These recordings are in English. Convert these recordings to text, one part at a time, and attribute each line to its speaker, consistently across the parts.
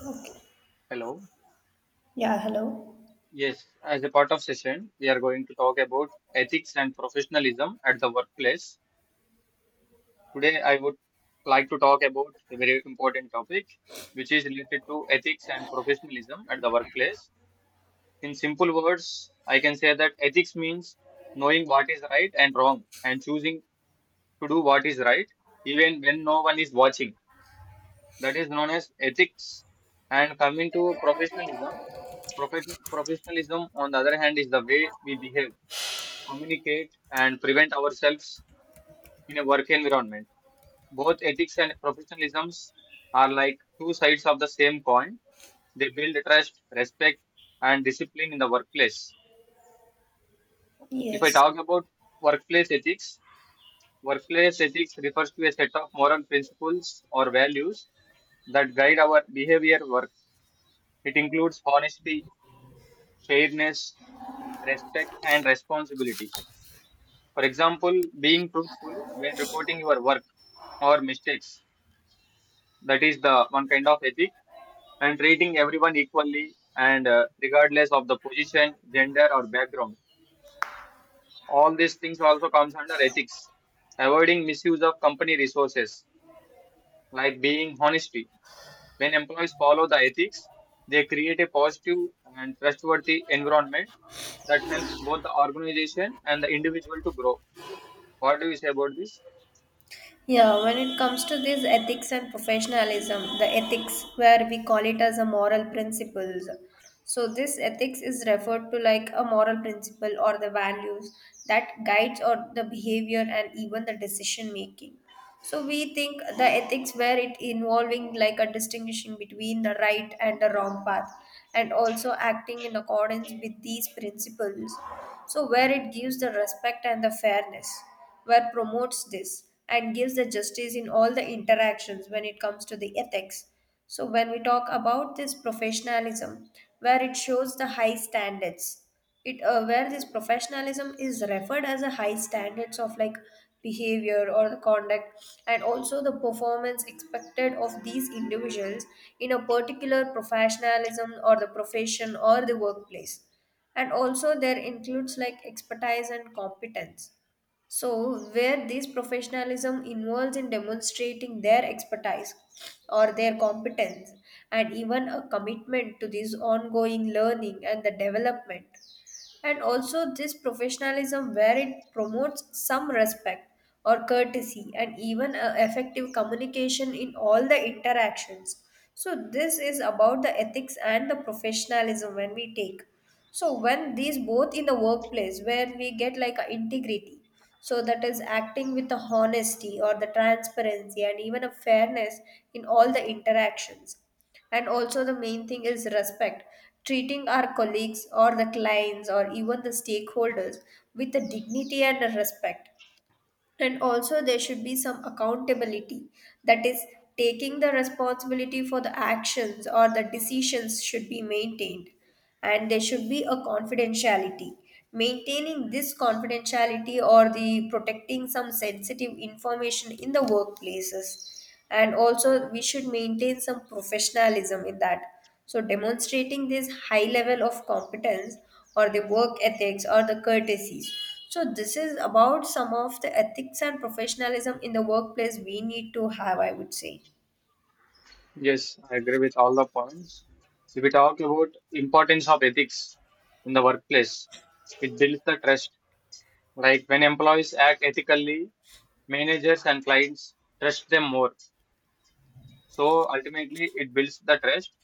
Speaker 1: Okay.
Speaker 2: Hello.
Speaker 1: Yeah, hello.
Speaker 2: Yes, as a part of session, we are going to talk about ethics and professionalism at the workplace. Today, I would like to talk about a very important topic, which is related to ethics and professionalism at the workplace. In simple words, I can say that ethics means knowing what is right and wrong and choosing to do what is right, even when no one is watching. That is known as ethics. And coming to professionalism, professionalism, on the other hand, is the way we behave communicate and prevent ourselves in a work environment. Both ethics and professionalisms are like two sides of the same coin. They build trust, respect, and discipline in the workplace. If I
Speaker 1: Yes.
Speaker 2: talk about workplace ethics, workplace ethics refers to a set of moral principles or values that guide our behavior at work. It includes honesty, fairness, respect, and responsibility. For example, being truthful when reporting your work or mistakes. That is the one kind of ethic, and treating everyone equally and regardless of the position, gender, or background. All these things also comes under ethics. Avoiding misuse of company resources, like being honesty. When employees follow the ethics, they create a positive and trustworthy environment that helps both the organization and the individual to grow. What do you say about this?
Speaker 1: Yeah, when it comes to this ethics and professionalism, the ethics where we call it as a moral principles. So this ethics is referred to like a moral principle or the values that guides or the behavior and even the decision making. So we think the ethics where it involving like a distinguishing between the right and the wrong path and also acting in accordance with these principles. So where it gives the respect and the fairness, where promotes this and gives the justice in all the interactions when it comes to the ethics. So when we talk about this professionalism, where it shows the high standards, it where this professionalism is referred as a high standards of like behavior or conduct and also the performance expected of these individuals in a particular professionalism or the profession or the workplace, and also there includes like expertise and competence, so where this professionalism involves in demonstrating their expertise or their competence and even a commitment to this ongoing learning and the development. And also, this professionalism where it promotes some respect or courtesy and even effective communication in all the interactions. So, this is about the ethics and the professionalism when we take. So, when these both in the workplace where we get like a integrity, so that is acting with the honesty or the transparency and even a fairness in all the interactions, and also the main thing is respect, treating our colleagues or the clients or even the stakeholders with the dignity and the respect. And also there should be some accountability, that is taking the responsibility for the actions or the decisions should be maintained, and there should be a confidentiality, maintaining this confidentiality or the protecting some sensitive information in the workplaces. And also we should maintain some professionalism in that, so demonstrating this high level of competence or the work ethics or the courtesies. So this is about some of the ethics and professionalism in the workplace we need to have, I would say.
Speaker 2: Yes, I agree with all the points. If we talk about importance of ethics in the workplace, it builds the trust. Like when employees act ethically, managers and clients trust them more. So ultimately, it builds the trust.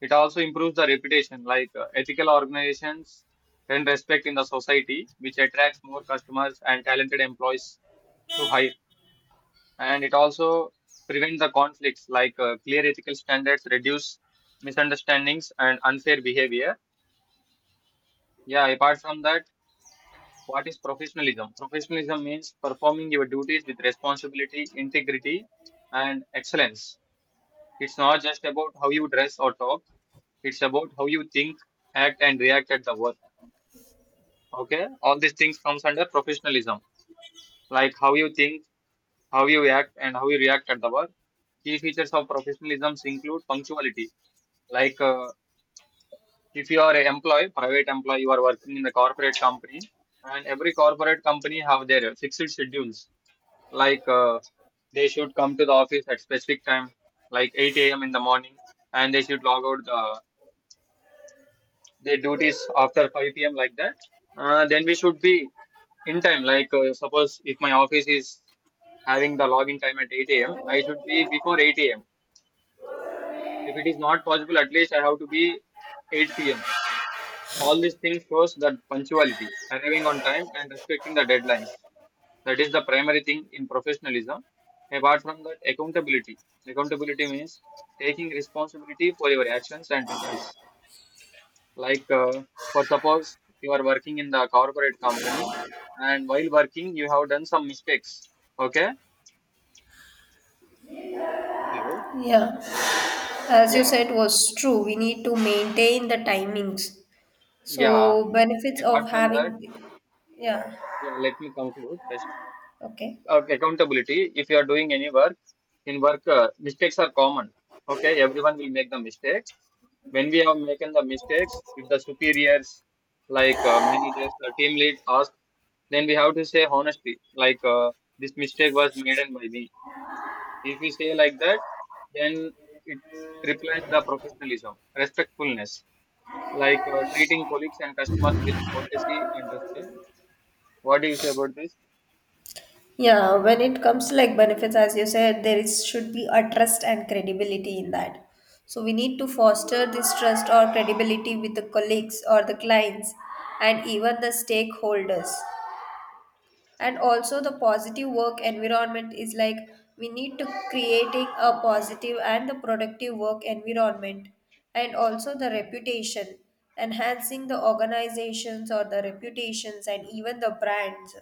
Speaker 2: It also improves the reputation. Like ethical organizations earn respect in the society, which attracts more customers and talented employees to hire. And it also prevents the conflicts like clear ethical standards reduce misunderstandings and unfair behavior. Yeah, apart from that, what is professionalism? Professionalism means performing your duties with responsibility integrity and excellence. It's not just about how you dress or talk. It's about how you think, act and react at the work. Okay, all these things comes under professionalism, like how you think, how you act and how you react at the work. Key features of professionalism include punctuality. Like if you are an employee, private employee, you are working in the corporate company, and every corporate company have their fixed schedules. Like they should come to the office at specific time, like 8 a.m. in the morning, and they should log out the, their duties after 5 p.m. like that. Then we should be in time. Like suppose if my office is having the login time at 8 a.m., I should be before 8 a.m. If it is not possible, at least I have to be 8 p.m. All these things shows that punctuality, arriving on time, and respecting the deadlines. That is the primary thing in professionalism. Apart from that, accountability. Accountability means taking responsibility for your actions and results. Like, for suppose you are working in the corporate company, and while working, you have done some mistakes. Okay? Hello?
Speaker 1: Yeah, as you
Speaker 2: Yeah.
Speaker 1: said was true, we need to maintain the timings. So
Speaker 2: Yeah.
Speaker 1: benefits
Speaker 2: Apart
Speaker 1: of
Speaker 2: from
Speaker 1: having,
Speaker 2: that,
Speaker 1: yeah,
Speaker 2: yeah, let me conclude first.
Speaker 1: okay.
Speaker 2: Of accountability, if you are doing any work in work, mistakes are common. Okay, everyone will make the mistakes. When we have making the mistakes, if the superiors, like managers or team lead ask, then we have to say honestly, like this mistake was made by me. If we say like that, then it replaces the professionalism respectfulness, like treating colleagues and customers with courtesy and respect. What do you say about this?
Speaker 1: Yeah, when it comes to like benefits, as you said, there is should be a trust and credibility in that. So we need to foster this trust or credibility with the colleagues or the clients and even the stakeholders. And also the positive work environment is like we need to creating a positive and the productive work environment. And also the reputation, enhancing the organizations or the reputations and even the brands.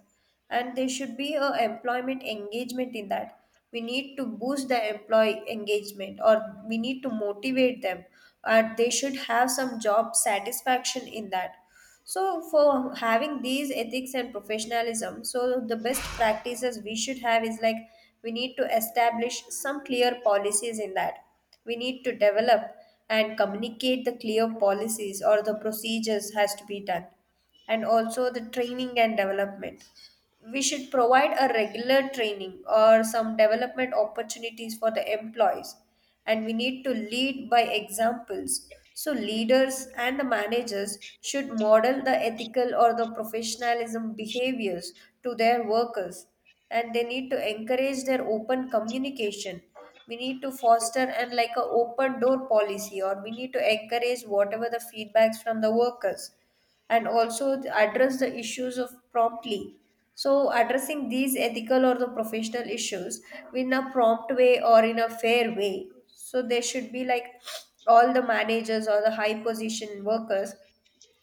Speaker 1: And there should be a employment engagement in that, we need to boost the employee engagement or we need to motivate them, and they should have some job satisfaction in that. So, for having these ethics and professionalism, so the best practices we should have is like we need to establish some clear policies in that. We need to develop and communicate the clear policies or the procedures has to be done. And also the training and development, we should provide a regular training or some development opportunities for the employees. And we need to lead by examples, so leaders and the managers should model the ethical or the professionalism behaviors to their workers. And they need to encourage their open communication, we need to foster and like a open door policy or we need to encourage whatever the feedbacks from the workers. And also address the issues of promptly, so addressing these ethical or the professional issues in a prompt way or in a fair way, so there should be like all the managers or the high position workers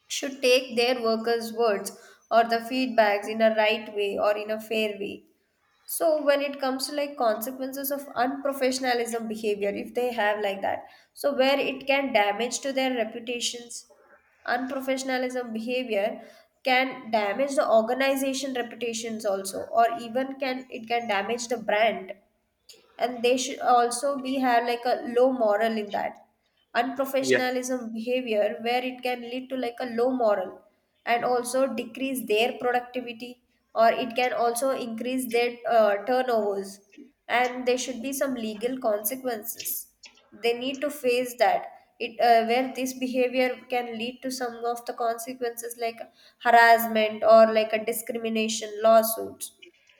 Speaker 1: should take their workers words or the feedbacks in a right way or in a fair way. So when it comes to like consequences of unprofessionalism behavior, if they have like that, so where it can damage to their reputations. Unprofessionalism behavior can damage the organization reputations also, or even can, it can damage the brand. And they should also be have like a low moral in that, unprofessionalism behavior where it can lead to like a low moral and also decrease their productivity, or it can also increase their turnovers. And there should be some legal consequences they need to face, that it where this behavior can lead to some of the consequences like harassment or like a discrimination lawsuits.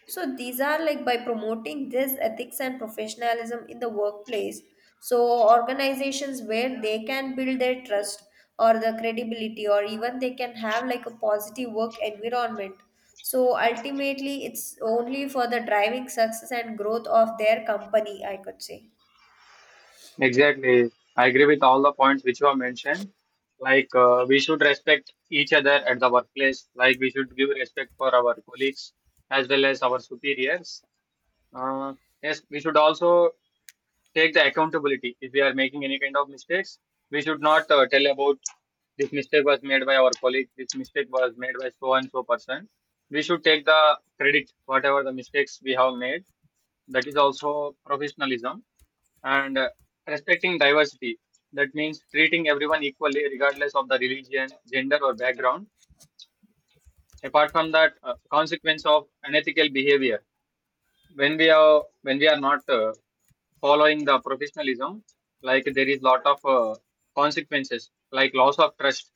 Speaker 1: So these are like by promoting this ethics and professionalism in the workplace, so organizations where they can build their trust or the credibility or even they can have like a positive work environment. So ultimately it's only for the driving success and growth of their company, I could say.
Speaker 2: Exactly. I agree with all the points which were mentioned. Like, we should respect each other at the workplace. Like, we should give respect for our colleagues as well as our superiors. Uh, yes, we should also take the accountability. If we are making any kind of mistakes, we should not tell about this mistake was made by our colleague, this mistake was made by so and so person. We should take the credit, whatever the mistakes we have made. That is also professionalism and respecting diversity. That means treating everyone equally, regardless of the religion, gender, or background. Apart from that, consequence of unethical behavior, when we are not following the professionalism, like there is lot of consequences, like loss of trust.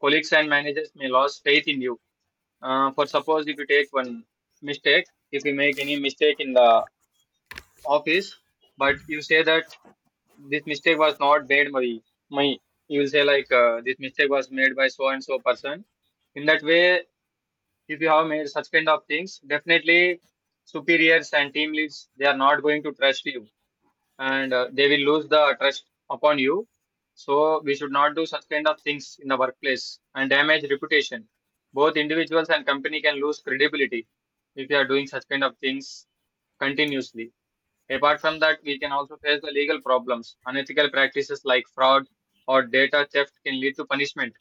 Speaker 2: Colleagues and managers may lose faith in you. For suppose if you take one mistake, if you make any mistake in the office, but you say that this mistake was not made by my, you will say like this mistake was made by so and so person. In that way, if you have made such kind of things, definitely superiors and team leads, they are not going to trust you, and they will lose the trust upon you. So we should not do such kind of things in the workplace and damage reputation. Both individuals and company can lose credibility if you are doing such kind of things continuously. Apart from that, we can also face the legal problems. Unethical practices like fraud or data theft can lead to punishment.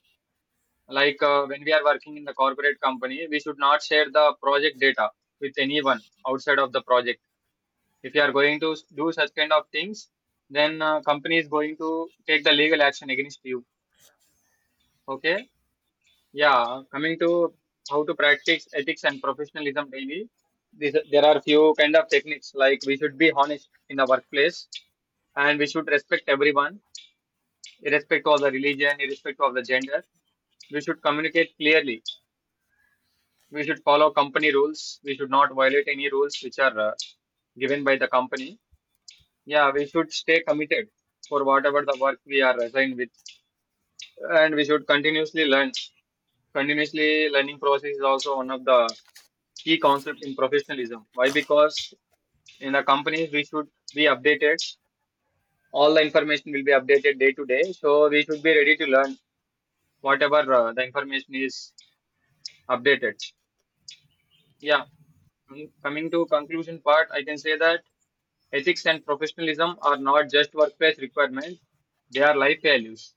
Speaker 2: Like when we are working in the corporate company, we should not share the project data with anyone outside of the project. If you are going to do such kind of things, then company is going to take the legal action against you. Okay? Yeah. Coming to how to practice ethics and professionalism daily, these, there are few kind of techniques, like we should be honest in the workplace and we should respect everyone, irrespective of the religion, irrespective of the gender. We should communicate clearly. We should follow company rules. We should not violate any rules which are given by the company. Yeah, we should stay committed for whatever the work we are assigned with, and we should continuously learn. Continuously learning process is also one of the key concept in professionalism. Why? Because in the companies we should be updated. All the information will be updated day to day, so we should be ready to learn whatever the information is updated. Yeah, coming to conclusion part, I can say that ethics and professionalism are not just workplace requirements; they are life values.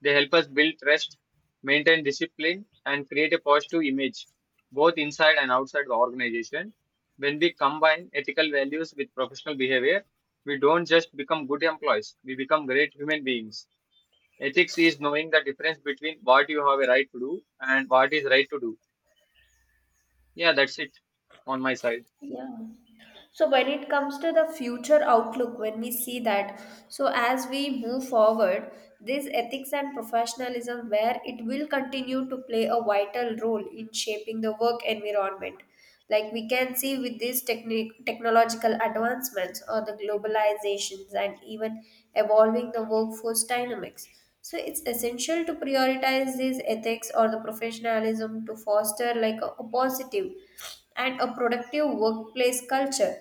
Speaker 2: They help us build trust, maintain discipline, and create a positive image, both inside and outside the organization. When we combine ethical values with professional behavior, we don't just become good employees; we become great human beings. Ethics is knowing the difference between what you have a right to do and what is right to do. Yeah, that's it on my side.
Speaker 1: Yeah. So when it comes to the future outlook, when we see that, so as we move forward, this ethics and professionalism, where it will continue to play a vital role in shaping the work environment. Like we can see with these technological advancements or the globalizations and even evolving the workforce dynamics. So it's essential to prioritize these ethics or the professionalism to foster like a positive and a productive workplace culture,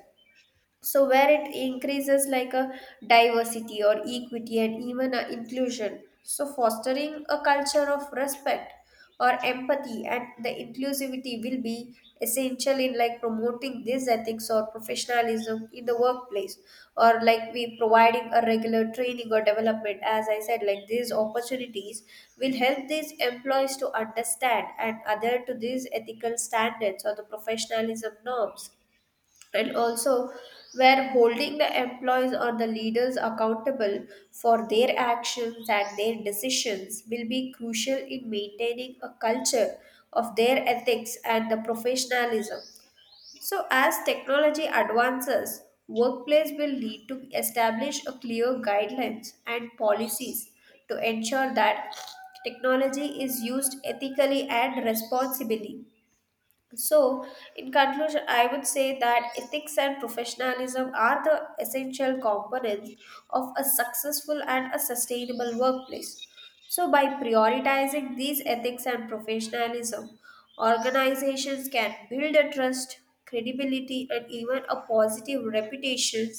Speaker 1: so where it increases like a diversity or equity and even a inclusion. So fostering a culture of respect or empathy and the inclusivity will be essential in like promoting these ethics or professionalism in the workplace, or like we providing a regular training or development, as I said, like these opportunities will help these employees to understand and adhere to these ethical standards or the professionalism norms. And also where holding the employees or the leaders accountable for their actions and their decisions will be crucial in maintaining a culture of their ethics and the professionalism. So, as technology advances, workplace will need to establish a clear guidelines and policies to ensure that technology is used ethically and responsibly. So, in conclusion, I would say that ethics and professionalism are the essential components of a successful and a sustainable workplace. So, by prioritizing these ethics and professionalism, organizations can build a trust, credibility, and even a positive reputation.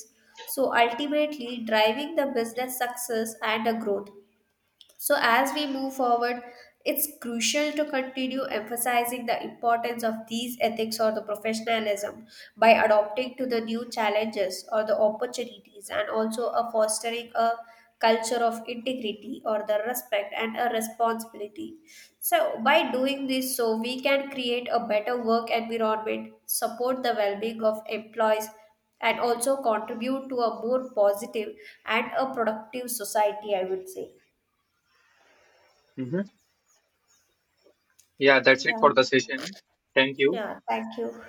Speaker 1: So, ultimately, driving the business success and a growth. So, as we move forward, it's crucial to continue emphasizing the importance of these ethics or the professionalism by adopting to the new challenges or the opportunities, and also a fostering a culture of integrity or the respect and a responsibility. So by doing this, so we can create a better work environment, support the well-being of employees, and also contribute to a more positive and a productive society, I would say.
Speaker 2: Hmm. Yeah, that's it
Speaker 1: Yeah,
Speaker 2: for the session. Thank you.
Speaker 1: yeah. Thank you.